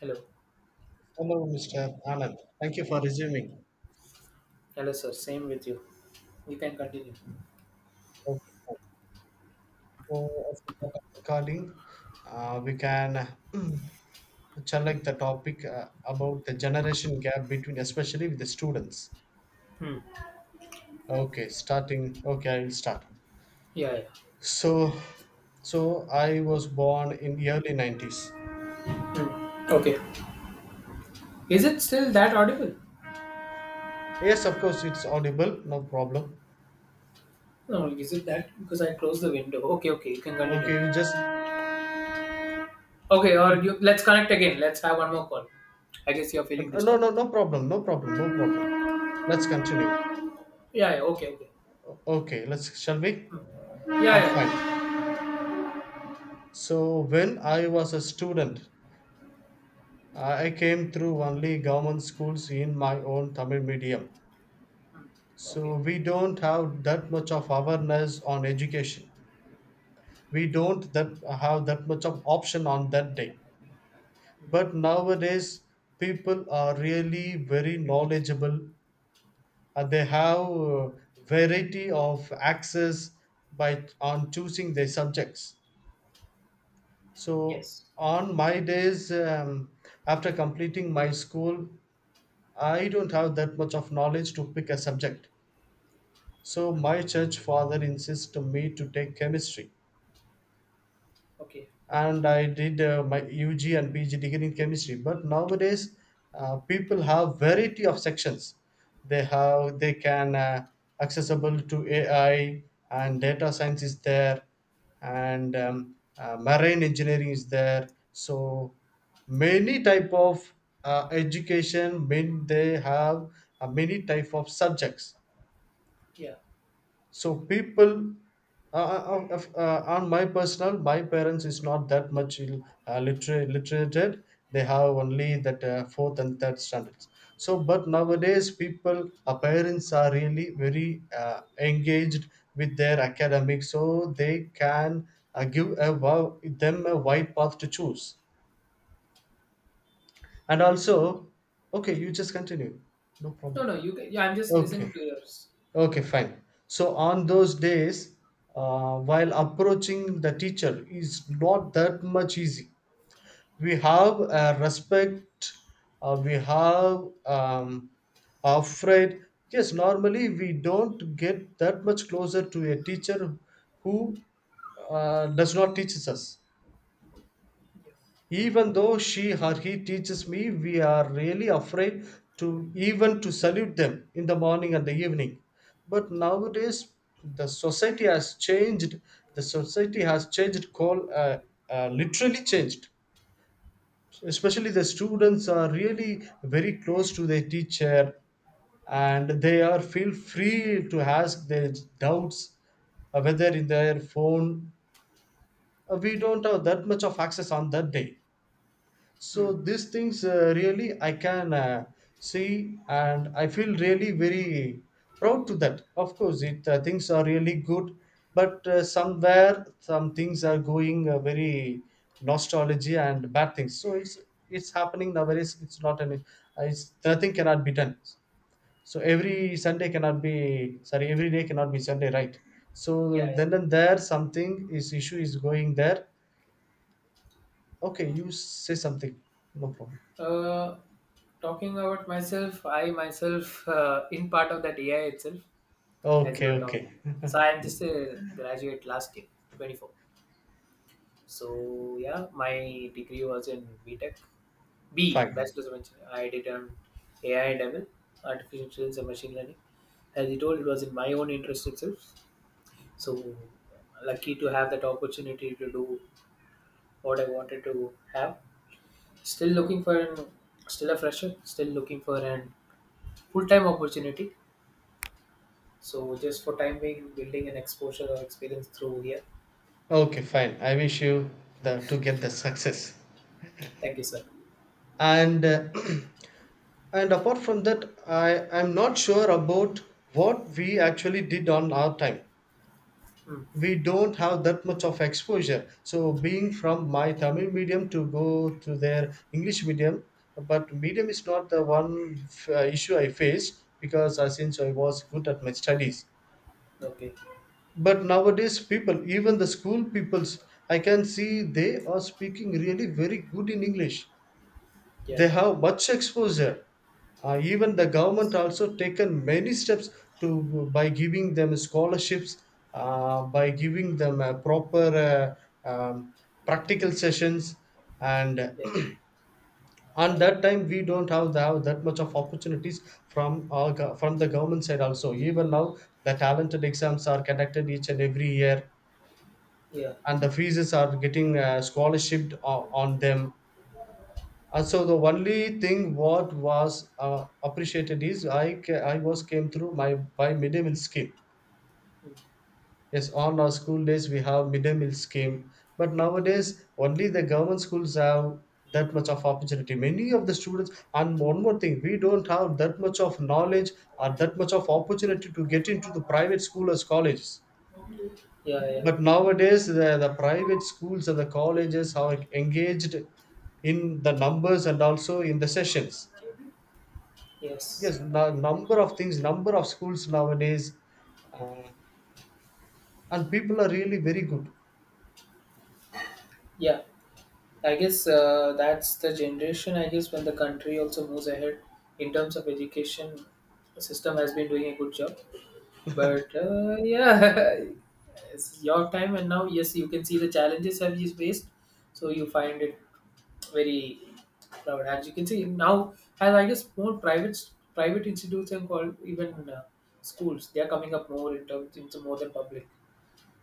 Hello. Hello, Mr. Anand. Thank you for resuming. Hello, sir. Same with you. You can continue. Okay. As a part of recording, we can select the topic about the generation gap between, especially with the students. Hmm. Okay, starting. Okay, I will start. Yeah, yeah. So, so I was born in the early 90s. Hmm. Okay. Is it still that audible? Yes, of course, it's audible. No problem. No, is it that? Because I closed the window. Okay, okay. You can continue. Okay, you just. Okay, or you- you, let's connect again. Let's have one more call. I guess you're feeling No, disturbed. no, no problem. No problem. No problem. Let's continue. Yeah, yeah. Okay, okay. Okay, let's. Shall we? Hmm. Yeah, Fine. yeah. So when I was a student, I came through only government schools in my own Tamil medium. Okay. So we don't have that much of awareness on education. We don't that have that much of option on that day. But nowadays, people are really very knowledgeable, and they have variety of access by on choosing their subjects. So Yes. on my days, after completing my school, I don't have that much of knowledge to pick a subject. So my church father insisted me to take chemistry. Okay. And I did my UG and PG degree in chemistry. But nowadays, people have variety of sections. They have they can accessible to AI, and data science is there, and marine engineering is there. So many type of education, mean they have many type of subjects, Yeah. so people on my personal my parents is not that much literated. They have only that fourth and third standards. So but nowadays people our parents are really very engaged with their academics, so they can give a, them a wide path to choose, and Yeah. also okay you just continue no No, problem no. You. Can, yeah, I'm just listening okay. to yours. Okay, fine. So on those days, while approaching the teacher is not that much easy. We have a respect, we have afraid. Yes, normally we don't get that much closer to a teacher who does not teaches us. Even though she or he teaches me, we are really afraid to even to salute them in the morning and the evening. But nowadays the society has changed the society has changed call literally changed. Especially the students are really very close to their teacher, and they are feel free to ask their doubts, whether in their phone. We don't have that much of access on that day. Hmm. So these things really I can see, and I feel really very proud to that. Of course it things are really good, but somewhere some things are going very nostalgia and bad things. So it's happening nowadays. It's not any it's nothing cannot be done. So every Sunday cannot be, sorry, every day cannot be Sunday, right? Yeah, So yeah. then and there something is issue is going there. Okay, you say something, no problem. Uh, Talking about myself, I myself in part of that AI itself, as you Okay, were talking. okay. So I am just a graduate last year, 24. So yeah, my degree was in B Tech, Fine. Bachelor's of Engineering. I did on AI and ML, Artificial Intelligence and Machine Learning. As you told, it was in my own interest itself. So lucky to have that opportunity to do what I wanted to have. Still looking for an, Still a fresher, still looking for an full-time opportunity. So just for time being, building an exposure or experience through here. Okay, fine. I wish you the, to get the success. Thank you, sir. And and apart from that, I'm not sure about what we actually did on our time. Mm. We don't have that much of exposure. So being from my Tamil medium to go to their English medium, but medium is not the one issue I faced, because since I was good at my studies. Okay. But nowadays people, even the school peoples, I can see they are speaking really very good in English. Yeah. They have much exposure. Even the government also taken many steps to by giving them scholarships, by giving them proper practical sessions, and Yeah. on that time we don't have that much of opportunities from from the government side also. Even now the talented exams are conducted each and every year, Yeah. and the fees are getting scholarship on them. And so the only thing what was appreciated is I was came through my by midday meal scheme. Mm. Yes, on our school days we have midday meal scheme, but nowadays only the government schools have that much of opportunity. Many of the students, and one more thing, we don't have that much of knowledge or that much of opportunity to get into the private school or colleges. Yeah. Yeah. But nowadays, the private schools and the colleges are engaged in the numbers and also in the sessions. Yes. Yes, now number of things, number of schools nowadays, uh, and people are really very good. Yeah. I guess that's the generation. I guess when the country also moves ahead in terms of education, the system has been doing a good job. But yeah, it's your time and now yes, you can see the challenges have you faced. So you find it very proud. As you can see now, as I guess more private institutes and called even schools, they are coming up more in terms into more than public.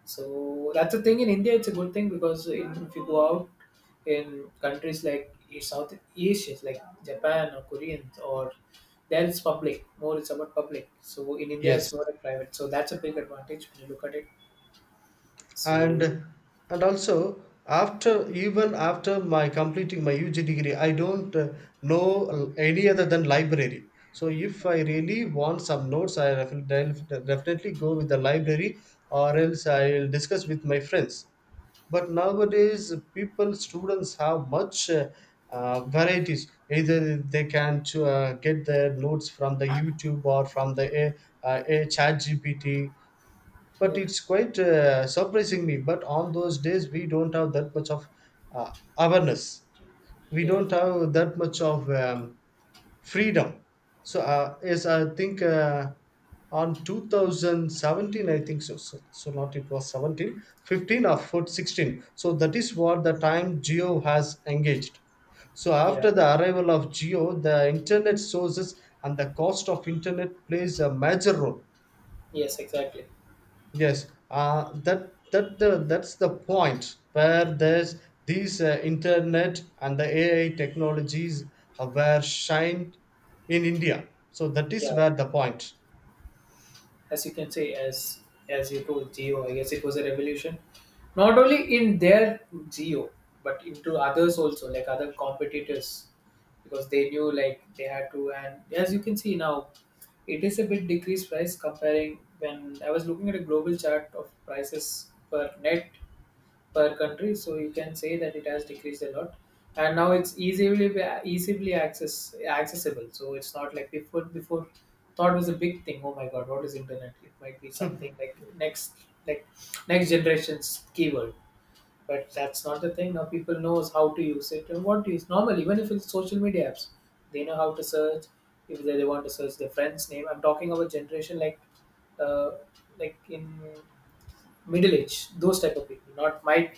So that's the thing in India. It's a good thing because in, if you go out in countries like South Asia, like Japan or Koreans, or there it's public. More it's about public. So in India, Yes. it's more like private. So that's a big advantage when you look at it. and So and also after even after my completing my UG degree I don't know any other than library. So if I really want some notes I definitely go with the library, or else I will discuss with my friends. But nowadays people students have much varieties. Either they can get their notes from the youtube or from the a chat gpt. But yeah, it's quite surprising me. But on those days we don't have that much of uh, awareness. We yeah, don't have that much of freedom. So yes I think on 2017 I think so, not it was 17, 15 or 14, 16. So that is what the time geo has engaged. So yeah, after yeah. the arrival of geo, the internet sources and the cost of internet plays a major role. Yes, exactly. Yes, that's the point where there's these internet and the AI technologies were shined in India. So that is Yeah, yeah. where the point. As you can say as you told, geo, I guess it was a revolution not only in their geo but into others also, like other competitors, because they knew like they had to. And as you can see now, it is a bit decreased price. Comparing when I was looking at a global chart of prices per net per country, so you can say that it has decreased a lot. And now it's easily accessible. So it's not like before, thought was a big thing. Oh my god, what is internet? It might be something like next, like next generation's keyword. But that's not the thing now. People knows how to use it and what to use, normal, even if it's social media apps, they know how to search. If they want to search their friend's name, I'm talking about generation uh, like in middle age, those type of people, not my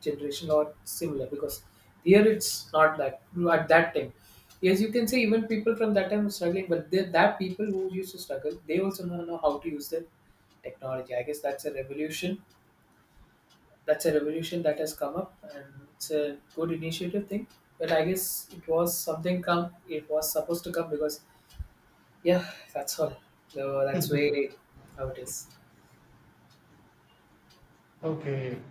generation or similar, because here it's not that at that time. Yes, you can say even people from that time were struggling, but that people who used to struggle, they also now know how to use the technology. I guess that's a revolution. That's a revolution that has come up, and it's a good initiative thing. But I guess it was something come. It was supposed to come because, yeah, that's all. So that's way how it is. Okay,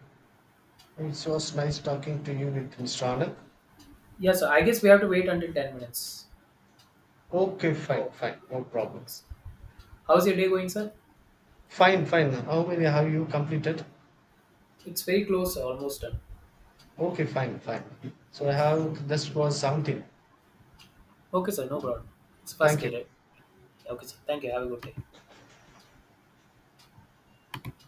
it was nice talking to you with Mr. Anand. Yeah, so I guess we have to wait until 10 minutes. Okay, fine, Okay. fine, no problem. How's your day going, sir? Fine, fine. How many have you completed? It's very close, almost done. Okay, fine, fine. So I have this was 17. Okay, sir, no problem. It's first Thank day, you. right? Okay, sir. Thank you. Have a good day.